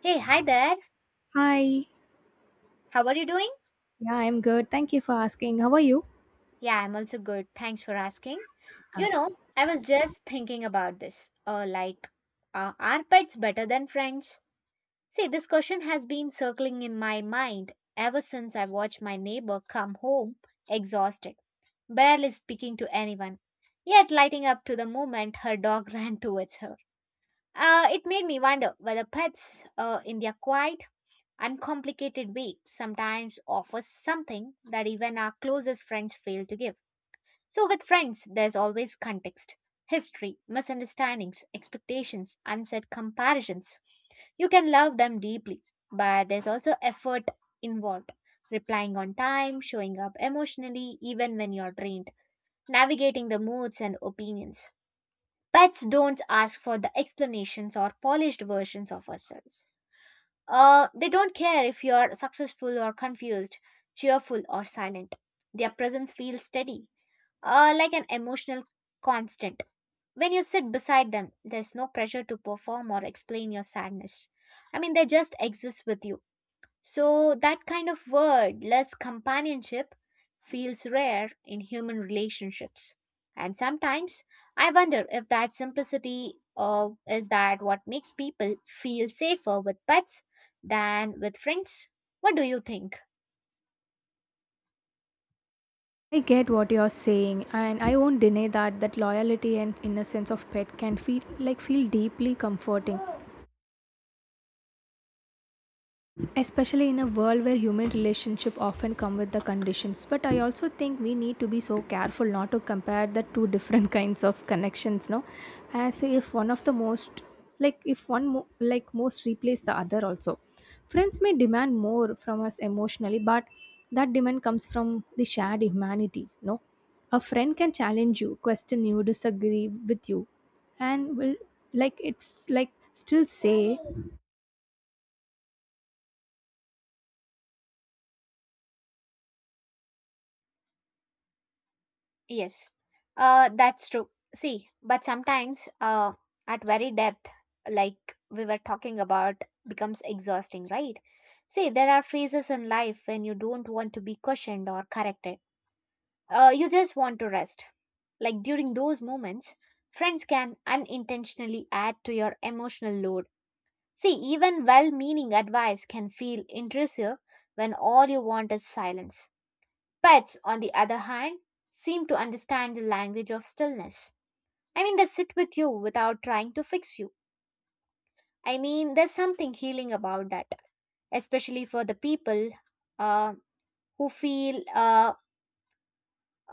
Hey, hi there. Hi. How are you doing? Yeah, I'm good. Thank you for asking. How are you? Yeah, I'm also good. Thanks for asking. Uh, You know, I was just thinking about this. Are pets better than friends? See, this question has been circling in my mind ever since I watched my neighbor come home exhausted, barely speaking to anyone, yet lighting up to the moment her dog ran towards her. It made me wonder whether pets, in their quiet, uncomplicated way sometimes offers something that even our closest friends fail to give. So, with friends, there's always context, history, misunderstandings, expectations, unsaid comparisons. You can love them deeply, but there's also effort involved. Replying on time, showing up emotionally, even when you're drained, navigating the moods and opinions. Pets don't ask for the explanations or polished versions of ourselves. They don't care if you're successful or confused, cheerful or silent. Their presence feels steady, like an emotional constant. When you sit beside them, there's no pressure to perform or explain your sadness. I mean, they just exist with you. So, that kind of wordless companionship feels rare in human relationships. And sometimes I wonder if that simplicity is that what makes people feel safer with pets than with friends. What do you think? I get what you're saying, and I won't deny that that loyalty and innocence of pet can feel feel deeply comforting, especially in a world where human relationships often come with the conditions. But I also think we need to be so careful not to compare the two different kinds of connections, no? As if one of the most, like if one mo- like most replace the other also. Friends may demand more from us emotionally, but that demand comes from the shared humanity, no? A friend can challenge you, question you, disagree with you and will, like it's like still say. Yes, that's true. See, but sometimes at very depth, like we were talking about, becomes exhausting, right? See, there are phases in life when you don't want to be questioned or corrected. You just want to rest. Like during those moments, friends can unintentionally add to your emotional load. See, even well meaning advice can feel intrusive when all you want is silence. Pets, on the other hand, seem to understand the language of stillness. I mean, they sit with you without trying to fix you. I mean, there's something healing about that, especially for the people uh, who feel uh,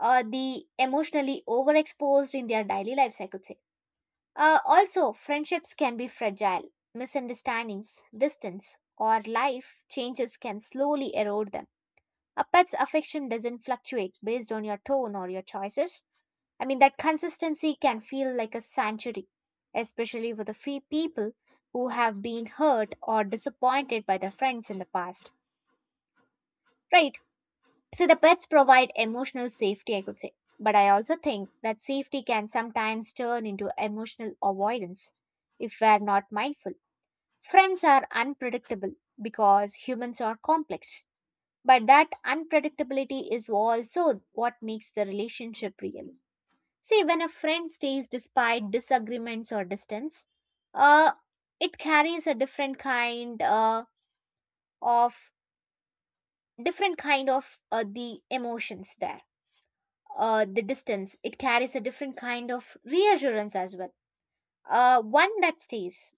uh, the emotionally overexposed in their daily lives, I could say. Also, friendships can be fragile. Misunderstandings, distance, or life changes can slowly erode them. A pet's affection doesn't fluctuate based on your tone or your choices. I mean, that consistency can feel like a sanctuary, especially for the few people who have been hurt or disappointed by their friends in the past. Right. So, the pets provide emotional safety, I could say. But I also think that safety can sometimes turn into emotional avoidance if we are not mindful. Friends are unpredictable because humans are complex, but that unpredictability is also what makes the relationship real. See, when a friend stays despite disagreements or distance, uh, it carries a different kind of different kind of the emotions there. The distance, it carries a different kind of reassurance as well. One that stays,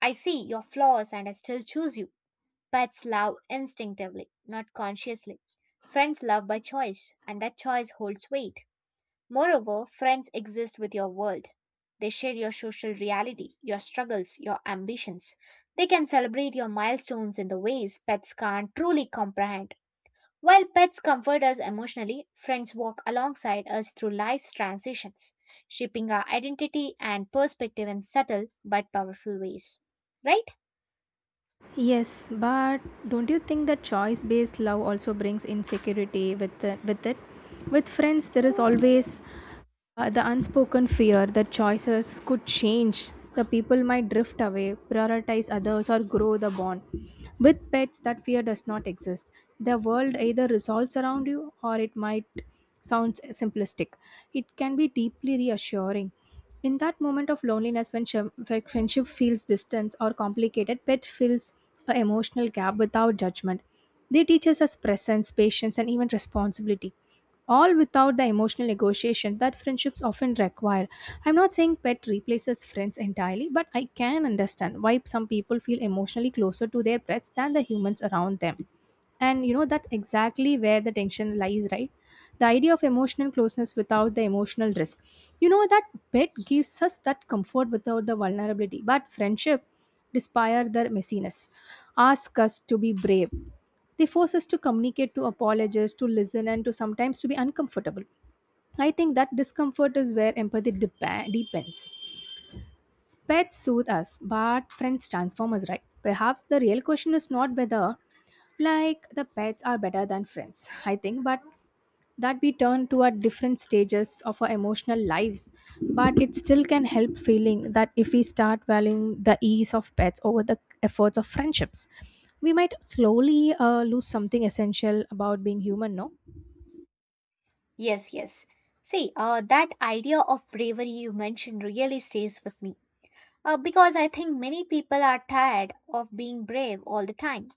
I see your flaws and I still choose you. Pets love instinctively, not consciously. Friends love by choice, and that choice holds weight. Moreover, friends exist with your world. They share your social reality, your struggles, your ambitions. They can celebrate your milestones in the ways pets can't truly comprehend. While pets comfort us emotionally, friends walk alongside us through life's transitions, shaping our identity and perspective in subtle but powerful ways. Right? Yes, but don't you think that choice based love also brings insecurity with it? With friends, there is always the unspoken fear that choices could change, the people might drift away, prioritize others, or grow the bond. With pets, that fear does not exist. The world either resolves around you or it might sound simplistic. It can be deeply reassuring. In that moment of loneliness, when friendship feels distant or complicated, pet fills an emotional gap without judgment. They teach us as presence, patience, and even responsibility, all without the emotional negotiation that friendships often require. I'm not saying pet replaces friends entirely, but I can understand why some people feel emotionally closer to their pets than the humans around them. And you know, that exactly where the tension lies, right? The idea of emotional closeness without the emotional risk. You know, that bed gives us that comfort without the vulnerability, but friendship, despite their messiness, ask us to be brave. They force us to communicate, to apologize, to listen, and to sometimes to be uncomfortable. I think that discomfort is where empathy deepens. Pets soothe us, but friends transform us, right? Perhaps the real question is not whether, like, the pets are better than friends, I think, but that we turn to at different stages of our emotional lives. But it still can help feeling that if we start valuing the ease of pets over the efforts of friendships, we might slowly lose something essential about being human, no? Yes, yes. See, that idea of bravery you mentioned really stays with me. Because I think many people are tired of being brave all the time.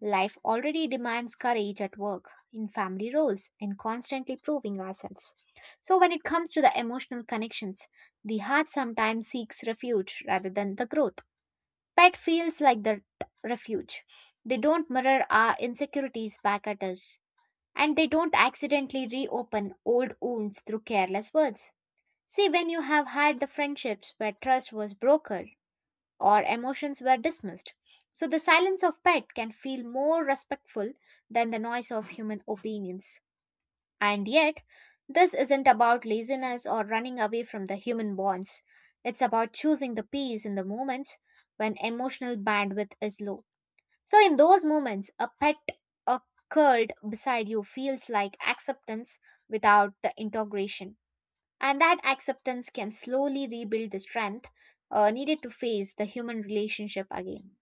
Life already demands courage at work, in family roles, and constantly proving ourselves. So, when it comes to the emotional connections, the heart sometimes seeks refuge rather than the growth. Pet feels like the refuge. They don't mirror our insecurities back at us and they don't accidentally reopen old wounds through careless words. See, when you have had the friendships where trust was brokered or emotions were dismissed, so the silence of pet can feel more respectful than the noise of human opinions. And yet, this isn't about laziness or running away from the human bonds. It's about choosing the peace in the moments when emotional bandwidth is low. So, in those moments, a pet or curled beside you feels like acceptance without the integration. And that acceptance can slowly rebuild the strength needed to face the human relationship again.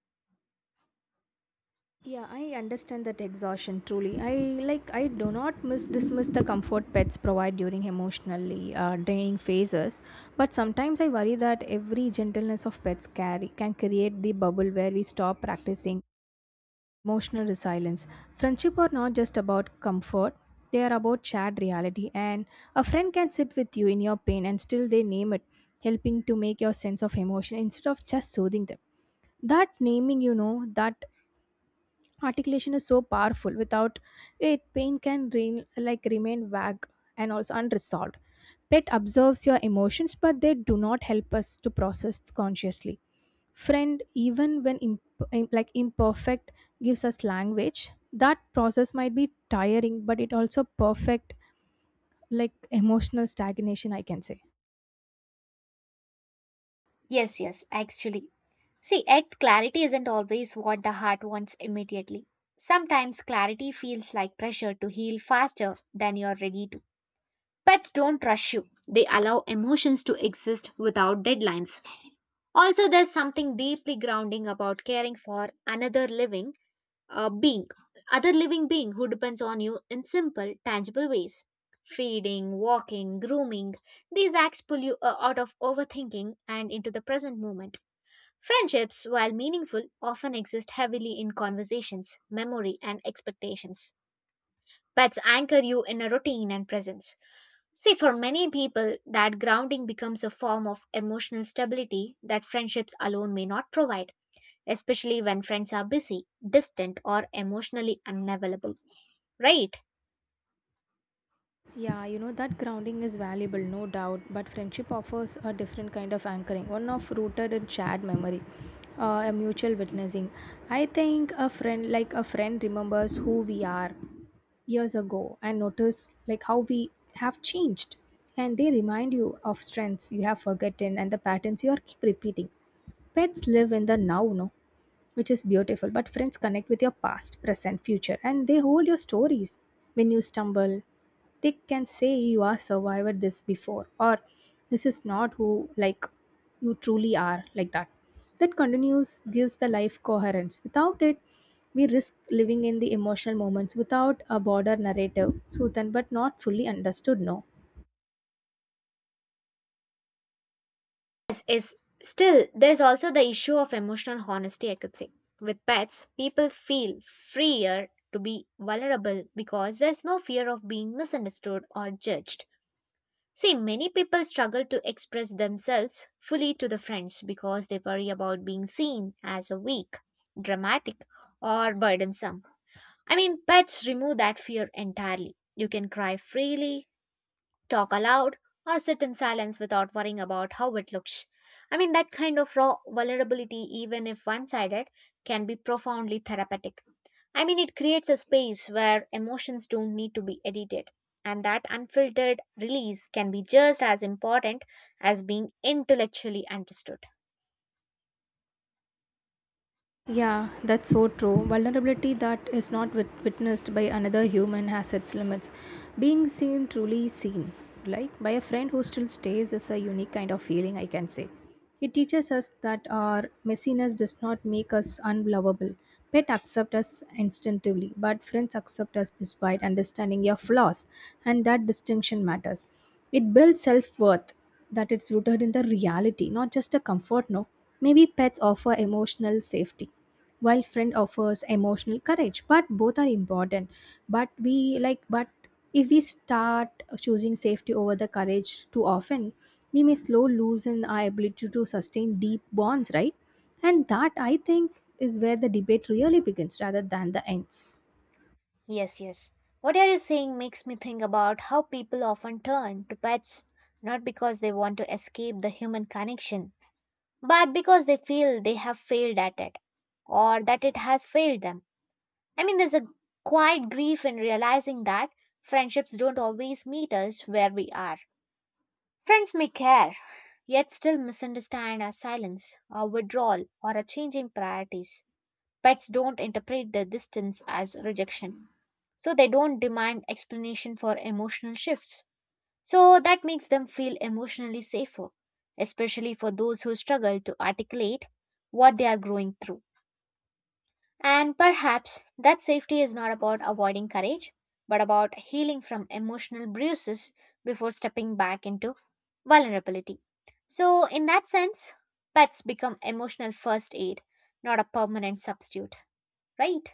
Yeah, I understand that exhaustion truly. I do not miss dismiss the comfort pets provide during emotionally draining phases. But sometimes I worry that every gentleness of pets carry can create the bubble where we stop practicing emotional resilience. Friendship are not just about comfort, they are about shared reality. And a friend can sit with you in your pain and still they name it, helping to make your sense of emotion instead of just soothing them. That naming, you know, that articulation is so powerful. Without it, pain can re like remain vague and also unresolved. Pet observes your emotions, but they do not help us to process consciously. Friend, even when imperfect, gives us language that process might be tiring, but it also perfect, like emotional stagnation, I can say. Yes, yes, actually. See, yet clarity isn't always what the heart wants immediately. Sometimes clarity feels like pressure to heal faster than you're ready to. Pets don't rush you, they allow emotions to exist without deadlines. Also, there's something deeply grounding about caring for another uh, being, living being who depends on you in simple, tangible ways. Feeding, walking, grooming, these acts pull you out of overthinking and into the present moment. Friendships, while meaningful, often exist heavily in conversations, memory, and expectations. Pets anchor you in a routine and presence. See, for many people, that grounding becomes a form of emotional stability that friendships alone may not provide, especially when friends are busy, distant, or emotionally unavailable, right? Yeah, you know that grounding is valuable, no doubt, but friendship offers a different kind of anchoring, one of rooted in shared memory, a mutual witnessing. I think a friend, like a friend, remembers who we are years ago and notice like how we have changed, and they remind you of strengths you have forgotten and the patterns you are keep repeating. Pets live in the now, no? Which is beautiful. But friends connect with your past, present, future, and they hold your stories. When you stumble, they can say you are survived this before, or this is not who, like, you truly are, like that. That continues gives the life coherence. Without it, we risk living in the emotional moments without a broader narrative, Suthan, but not fully understood. No. Yes, is still there's also the issue of emotional honesty, I could say. With pets, people feel freer to be vulnerable because there's no fear of being misunderstood or judged. See, many people struggle to express themselves fully to the friends because they worry about being seen as a weak, dramatic, or burdensome. I mean, pets remove that fear entirely. You can cry freely, talk aloud, or sit in silence without worrying about how it looks. I mean, that kind of raw vulnerability, even if one sided, can be profoundly therapeutic. I mean, it creates a space where emotions don't need to be edited, and that unfiltered release can be just as important as being intellectually understood. Yeah, that's so true. Vulnerability that is not witnessed by another human has its limits. Being seen, truly seen, like by a friend who still stays, is a unique kind of feeling, I can say. It teaches us that our messiness does not make us unlovable. Pet accept us instinctively, but friends accept us despite understanding your flaws, and that distinction matters. It builds self worth that it's rooted in the reality, not just a comfort. No, maybe pets offer emotional safety, while friend offers emotional courage. But both are important. But if we start choosing safety over the courage too often, we may slow loosen our ability to sustain deep bonds, right? And that, I think, is where the debate really begins rather than the ends. Yes, yes. What are you saying makes me think about how people often turn to pets not because they want to escape the human connection, but because they feel they have failed at it or that it has failed them. I mean, there's a quiet grief in realizing that friendships don't always meet us where we are. Friends may care, yet still misunderstand our silence, our withdrawal, or a change in priorities. Pets don't interpret the distance as rejection, so they don't demand explanation for emotional shifts. So that makes them feel emotionally safer, especially for those who struggle to articulate what they are growing through. And perhaps that safety is not about avoiding courage, but about healing from emotional bruises before stepping back into vulnerability. So, in that sense, pets become emotional first aid, not a permanent substitute, right?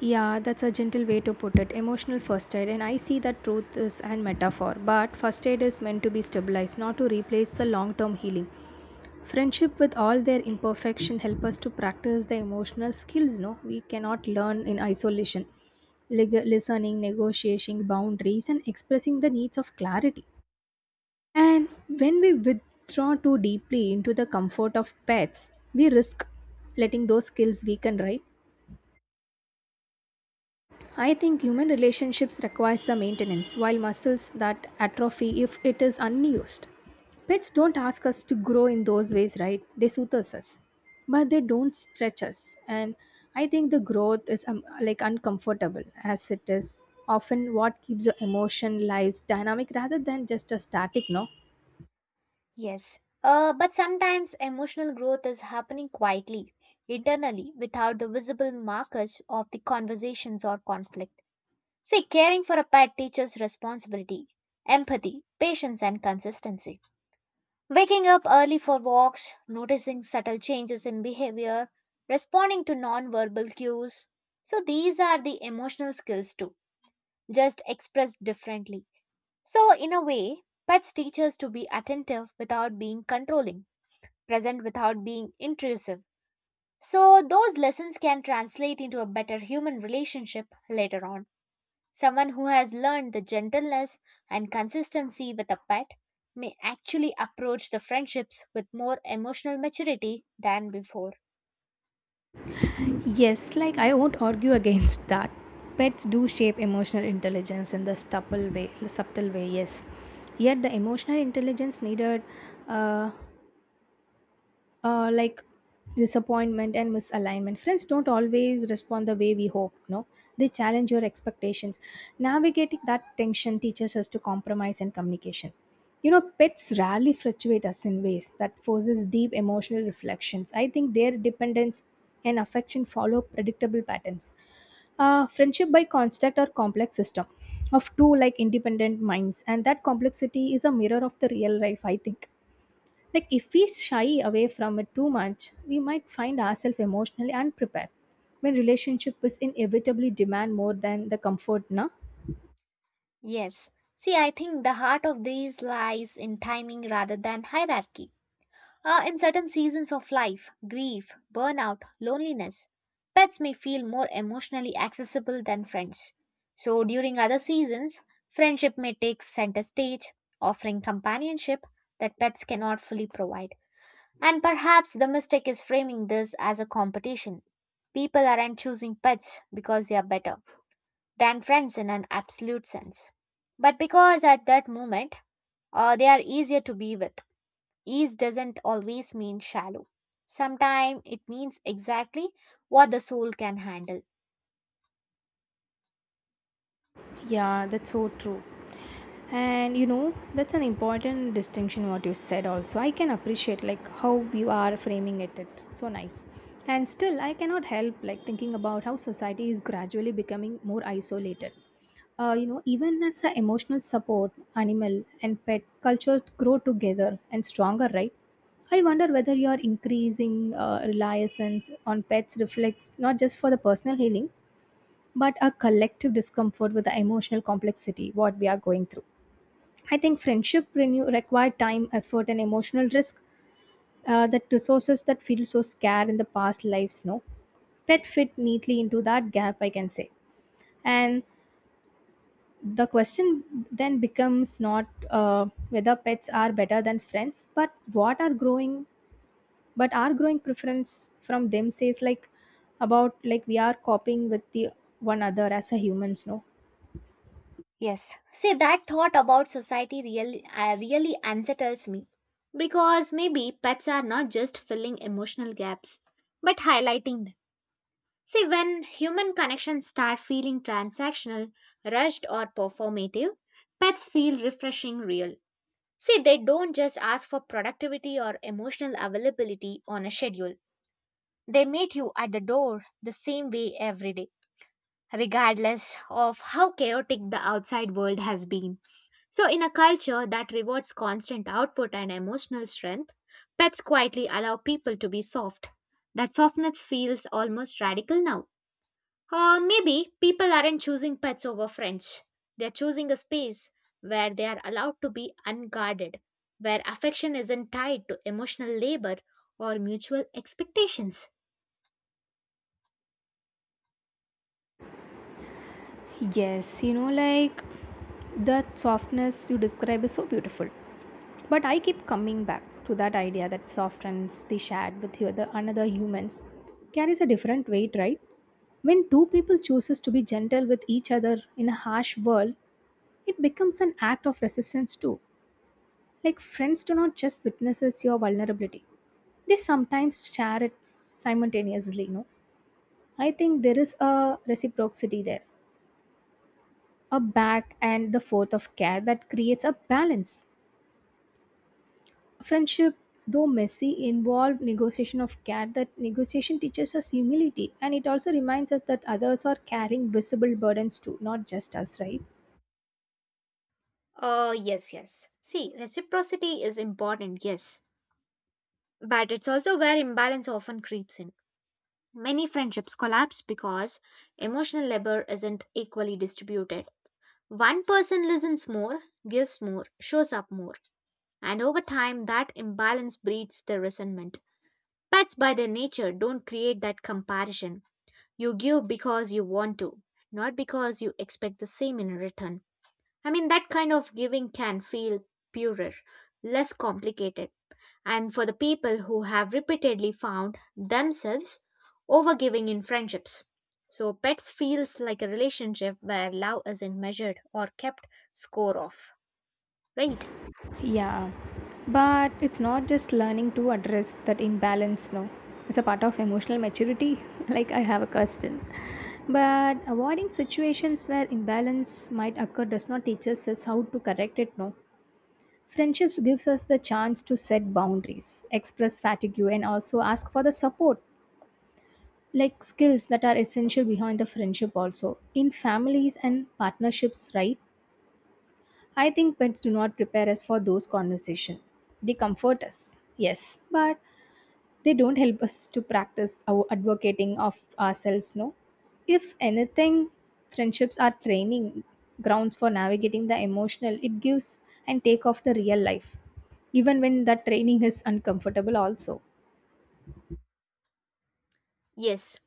Yeah, that's a gentle way to put it. Emotional first aid, and I see that truth is an metaphor, but first aid is meant to be stabilized, not to replace the long term healing. Friendship with all their imperfection help us to practice the emotional skills no we cannot learn in isolation. Listening, negotiating boundaries, and expressing the needs of clarity. And when we withdraw too deeply into the comfort of pets, we risk letting those skills weaken, right? I think human relationships require some maintenance, while muscles that atrophy if it is unused. Pets don't ask us to grow in those ways, right? They soothe us, but they don't stretch us. And I think the growth is like uncomfortable, as it is often what keeps your emotion lives dynamic rather than just a static, no? Yes, but sometimes emotional growth is happening quietly, internally, without the visible markers of the conversations or conflict. See, caring for a pet teaches responsibility, empathy, patience, and consistency. Waking up early for walks, noticing subtle changes in behavior, responding to non-verbal cues. So, these are the emotional skills too, just expressed differently. So, in a way, pets teach us to be attentive without being controlling, present without being intrusive. So, those lessons can translate into a better human relationship later on. Someone who has learned the gentleness and consistency with a pet may actually approach the friendships with more emotional maturity than before. Yes, like I won't argue against that. Pets do shape emotional intelligence in the subtle way. Subtle way, yes. Yet the emotional intelligence needed, uh, uh, like disappointment and misalignment. Friends don't always respond the way we hope, no? They challenge your expectations. Navigating that tension teaches us to compromise and communication. You know, pets rarely fluctuate us in ways that forces deep emotional reflections. I think their dependence and affection follow predictable patterns. Friendship by construct or complex system of two like independent minds, and that complexity is a mirror of the real life, I think. Like, if we shy away from it too much, we might find ourselves emotionally unprepared when relationship is inevitably demand more than the comfort, na? Yes. See, I think the heart of these lies in timing rather than hierarchy. In certain seasons of life, grief, burnout, loneliness, pets may feel more emotionally accessible than friends. So, during other seasons, friendship may take center stage, offering companionship that pets cannot fully provide. And perhaps the mistake is framing this as a competition. People aren't choosing pets because they are better than friends in an absolute sense, but because at that moment they are easier to be with. Ease doesn't always mean shallow. Sometimes it means exactly what the soul can handle. Yeah, that's so true. And you know, that's an important distinction what you said also. I can appreciate like how you are framing it. It so nice. And still I cannot help like thinking about how society is gradually becoming more isolated, you know, even as an emotional support, animal and pet cultures grow together and stronger, right? I wonder whether your increasing reliance on pets reflects not just for the personal healing, but a collective discomfort with the emotional complexity what we are going through. I think friendship renew require time, effort, and emotional risk. That resources that feel so scarce in the past lives, no, pet fit neatly into that gap, I can say. And the question then becomes not, whether pets are better than friends, but what are growing, but our growing preference from them says like about like we are coping with the one another as a humans, no? Yes. See, that thought about society really, really unsettles me. Because maybe pets are not just filling emotional gaps, but highlighting them. See, when human connections start feeling transactional, rushed, or performative, pets feel refreshing real. See, they don't just ask for productivity or emotional availability on a schedule. They meet you at the door the same way every day, regardless of how chaotic the outside world has been. So, in a culture that rewards constant output and emotional strength, pets quietly allow people to be soft. That softness feels almost radical now. Or maybe people aren't choosing pets over friends. They're choosing a space where they are allowed to be unguarded, where affection isn't tied to emotional labor or mutual expectations. Yes, you know, like, that softness you describe is so beautiful, but I keep coming back to that idea that softness they shared with the other another humans carries a different weight, right? When two people chooses to be gentle with each other in a harsh world, it becomes an act of resistance too. Like friends do not just witnesses your vulnerability. They sometimes share it simultaneously, you know. I think there is a reciprocity there. A back and the forth of care that creates a balance. Friendship, though messy, involve negotiation of care. That negotiation teaches us humility and it also reminds us that others are carrying visible burdens too, not just us, right? Yes, yes. See, reciprocity is important, yes, but it's also where imbalance often creeps in. Many friendships collapse because emotional labor isn't equally distributed. One person listens more, gives more, shows up more, and over time that imbalance breeds the resentment. Pets, by their nature, don't create that comparison. You give because you want to, not because you expect the same in return. I mean, that kind of giving can feel purer, less complicated. And for the people who have repeatedly found themselves overgiving in friendships. So, pets feels like a relationship where love isn't measured or kept score of, right? Yeah, but it's not just learning to address that imbalance, no. It's a part of emotional maturity. Like, I have a question. But avoiding situations where imbalance might occur does not teach us as how to correct it, no. Friendships gives us the chance to set boundaries, express fatigue, and also ask for the support, like skills that are essential behind the friendship also. In families and partnerships, right? I think pets do not prepare us for those conversations. They comfort us, yes, but they don't help us to practice our advocating of ourselves, no? If anything, friendships are training grounds for navigating the emotional, it gives and take of the real life, even when that training is uncomfortable, also. Yes.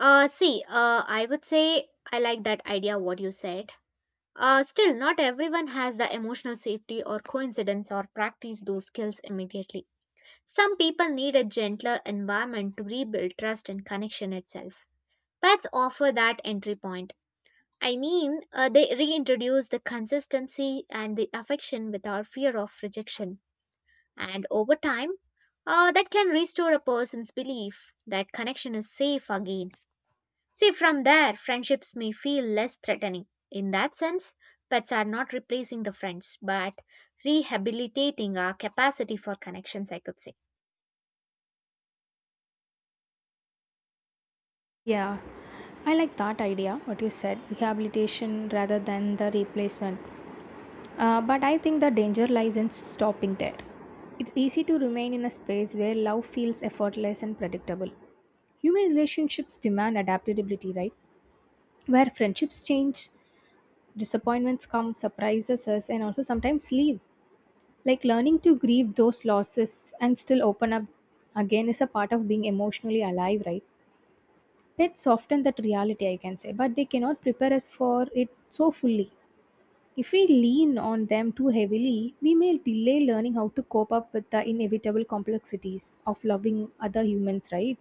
I would say I like that idea what you said. Still, not everyone has the emotional safety or coincidence or practice those skills immediately. Some people need a gentler environment to rebuild trust and connection itself. Pets offer that entry point. They reintroduce the consistency and the affection without fear of rejection. And over time, that can restore a person's belief that connection is safe again. See, from there, friendships may feel less threatening. In that sense, pets are not replacing the friends, but rehabilitating our capacity for connections, I could say. Yeah, I like that idea, what you said rehabilitation rather than the replacement. But I think the danger lies in stopping there. It's easy to remain in a space where love feels effortless and predictable. Human relationships demand adaptability, right? Where friendships change, disappointments come, surprises us, and also sometimes leave. Like learning to grieve those losses and still open up again is a part of being emotionally alive, right? Pets soften that reality, I can say, but they cannot prepare us for it so fully. If we lean on them too heavily, we may delay learning how to cope up with the inevitable complexities of loving other humans, right?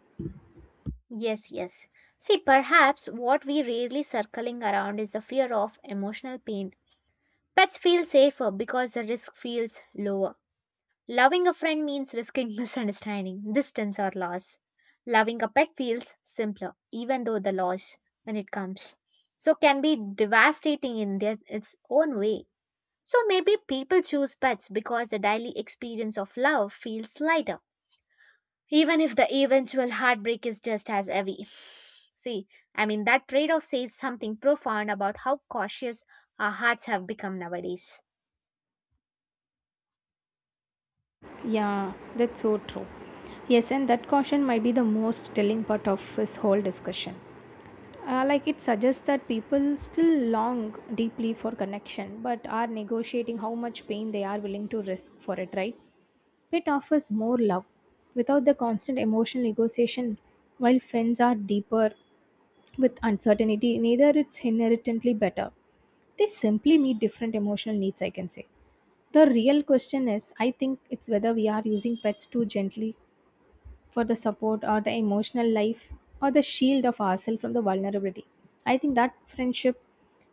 Yes, yes. See, perhaps what we rarely circling around is the fear of emotional pain. Pets feel safer because the risk feels lower. Loving a friend means risking misunderstanding, distance, or loss. Loving a pet feels simpler, even though the loss, when it comes, so can be devastating in their, its own way. So maybe people choose pets because the daily experience of love feels lighter, even if the eventual heartbreak is just as heavy. See, that trade off says something profound about how cautious our hearts have become nowadays. Yeah, that's so true. Yes, and that caution might be the most telling part of this whole discussion. Like it suggests that people still long deeply for connection, but are negotiating how much pain they are willing to risk for it, right? It offers more love without the constant emotional negotiation, while friends are deeper with uncertainty, neither it's inherently better. They simply meet different emotional needs, I can say. The real question is, I think it's whether we are using pets too gently for the support or the emotional life or the shield of ourselves from the vulnerability. I think that friendship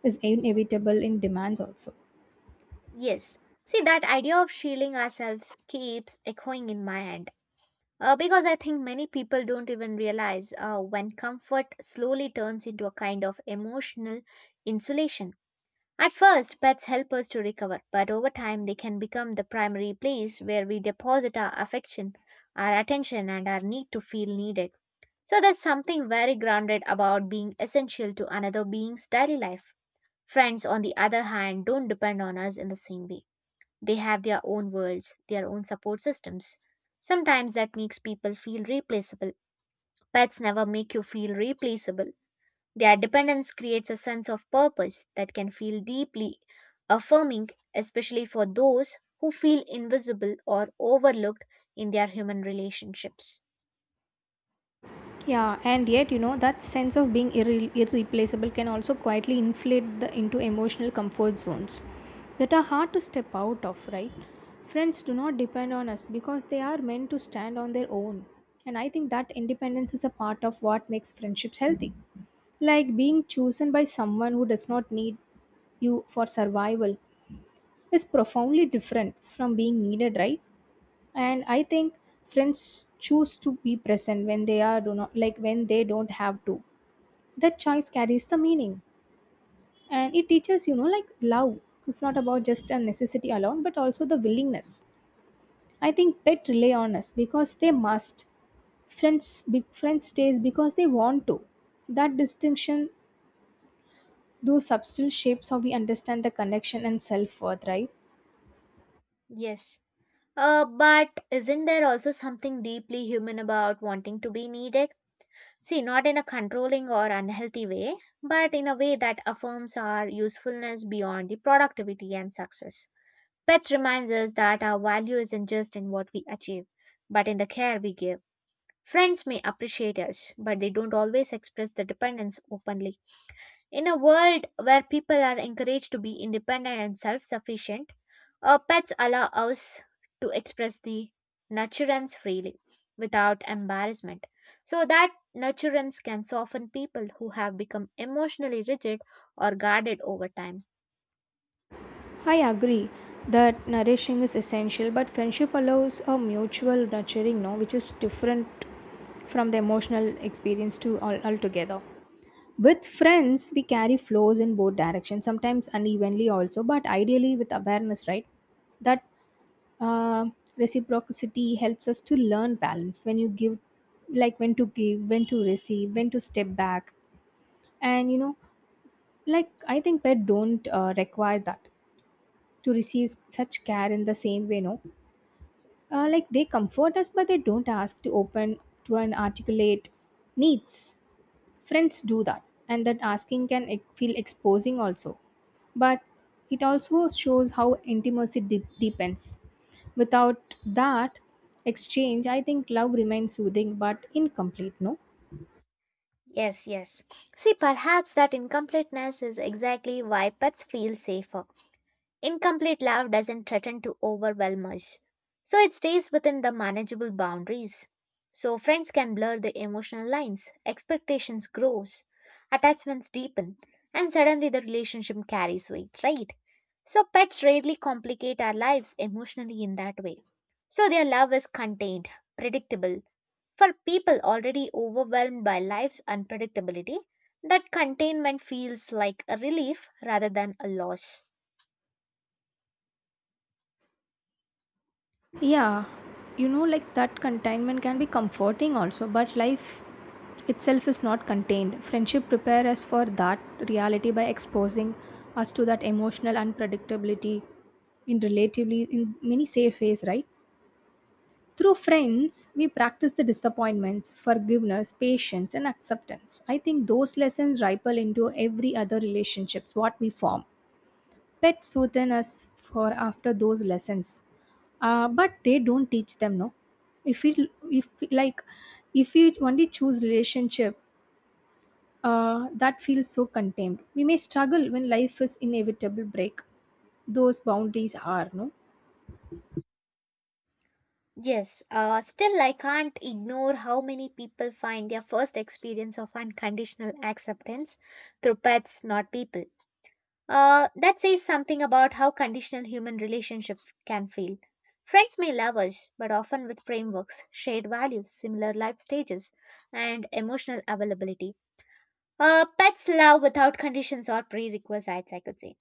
is inevitable in demands also. Yes, see, that idea of shielding ourselves keeps echoing in my head. Because I think many people don't even realize when comfort slowly turns into a kind of emotional insulation. At first, pets help us to recover, but over time, they can become the primary place where we deposit our affection, our attention, and our need to feel needed. So there's something very grounded about being essential to another being's daily life. Friends, on the other hand, don't depend on us in the same way. They have their own worlds, their own support systems. Sometimes that makes people feel replaceable. Pets never make you feel replaceable. Their dependence creates a sense of purpose that can feel deeply affirming, especially for those who feel invisible or overlooked in their human relationships. Yeah, and yet, you know, that sense of being irreplaceable can also quietly inflate the into emotional comfort zones that are hard to step out of, right? Friends do not depend on us because they are meant to stand on their own. And I think that independence is a part of what makes friendships healthy. Like being chosen by someone who does not need you for survival is profoundly different from being needed, right? And I think friends choose to be present when they are do not like when they don't have to, that choice carries the meaning, and it teaches, you know, like love, it's not about just a necessity alone but also the willingness. I think pet rely on us because they must. Friends big friends stays because they want to. That distinction, though subtle, shapes how we understand the connection and self-worth, right? Yes, but isn't there also something deeply human about wanting to be needed? See, not in a controlling or unhealthy way, but in a way that affirms our usefulness beyond the productivity and success. Pets reminds us that our value isn't just in what we achieve, but in the care we give. Friends may appreciate us, but they don't always express the dependence openly. In a world where people are encouraged to be independent and self sufficient, pets allow us to express the nurturance freely without embarrassment. So that nurturance can soften people who have become emotionally rigid or guarded over time. I agree that nourishing is essential, but friendship allows a mutual nurturing, no, which is different from the emotional experience to all altogether. With friends, we carry flows in both directions, sometimes unevenly also, but ideally with awareness, right? That uh, reciprocity helps us to learn balance when you give, like when to give, when to receive, when to step back. And you know, like I think pet don't require that to receive such care in the same way, no? Like they comfort us, but they don't ask to open to an articulate needs. Friends do that, and that asking can feel exposing also. But it also shows how intimacy deepens. Without that exchange, I think love remains soothing but incomplete, no? Yes, yes. See, perhaps that incompleteness is exactly why pets feel safer. Incomplete love doesn't threaten to overwhelm us, so it stays within the manageable boundaries. So friends can blur the emotional lines, expectations grows, attachments deepen, and suddenly the relationship carries weight, right? So pets rarely complicate our lives emotionally in that way. So their love is contained, predictable. For people already overwhelmed by life's unpredictability, that containment feels like a relief rather than a loss. Yeah, you know, like that containment can be comforting also, but life itself is not contained. Friendship prepare us for that reality by exposing us to that emotional unpredictability in relatively in many safe ways, right? Through friends, we practice the disappointments, forgiveness, patience, and acceptance. I think those lessons ripple into every other relationships what we form. Pets soothe us for after those lessons, but they don't teach them. No, if we- like if we only choose relationship that feels so contained, we may struggle when life is inevitable break. Those boundaries are no. Yes, still, I can't ignore how many people find their first experience of unconditional acceptance through pets, not people. That says something about how conditional human relationships can feel. Friends may love us, but often with frameworks, shared values, similar life stages, and emotional availability. Pets love without conditions or prerequisites, I could say.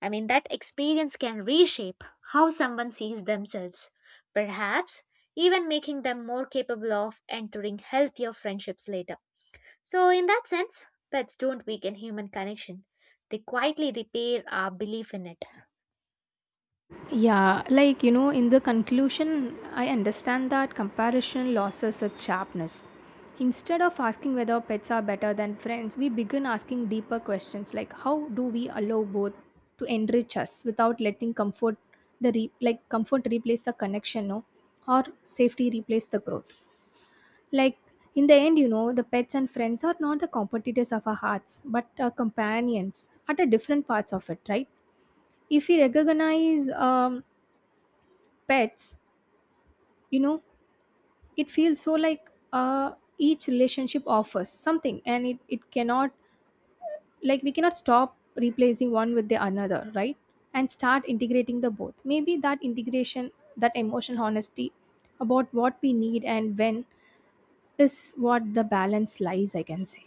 I mean, that experience can reshape how someone sees themselves, perhaps even making them more capable of entering healthier friendships later. So, in that sense, pets don't weaken human connection, they quietly repair our belief in it. Yeah, like you know, in the conclusion, I understand that comparison loses its sharpness. Instead of asking whether pets are better than friends, we begin asking deeper questions like how do we allow both to enrich us without letting comfort the re- like comfort replace the connection, no, or safety replace the growth. Like in the end, you know, the pets and friends are not the competitors of our hearts, but our companions at a different parts of it, right? If we recognize pets, you know, it feels so like each relationship offers something, and it cannot, like we cannot stop replacing one with the another, right, and start integrating the both. Maybe that integration, that emotional honesty about what we need and when is what the balance lies, I can say.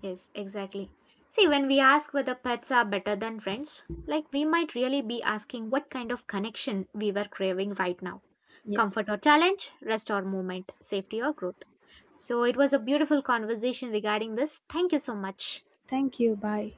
Yes, exactly. See, when we ask whether pets are better than friends, like we might really be asking what kind of connection we were craving right now: comfort Yes, or challenge, rest or movement, safety or growth. So, it was a beautiful conversation regarding this. Thank you so much. thank you, bye.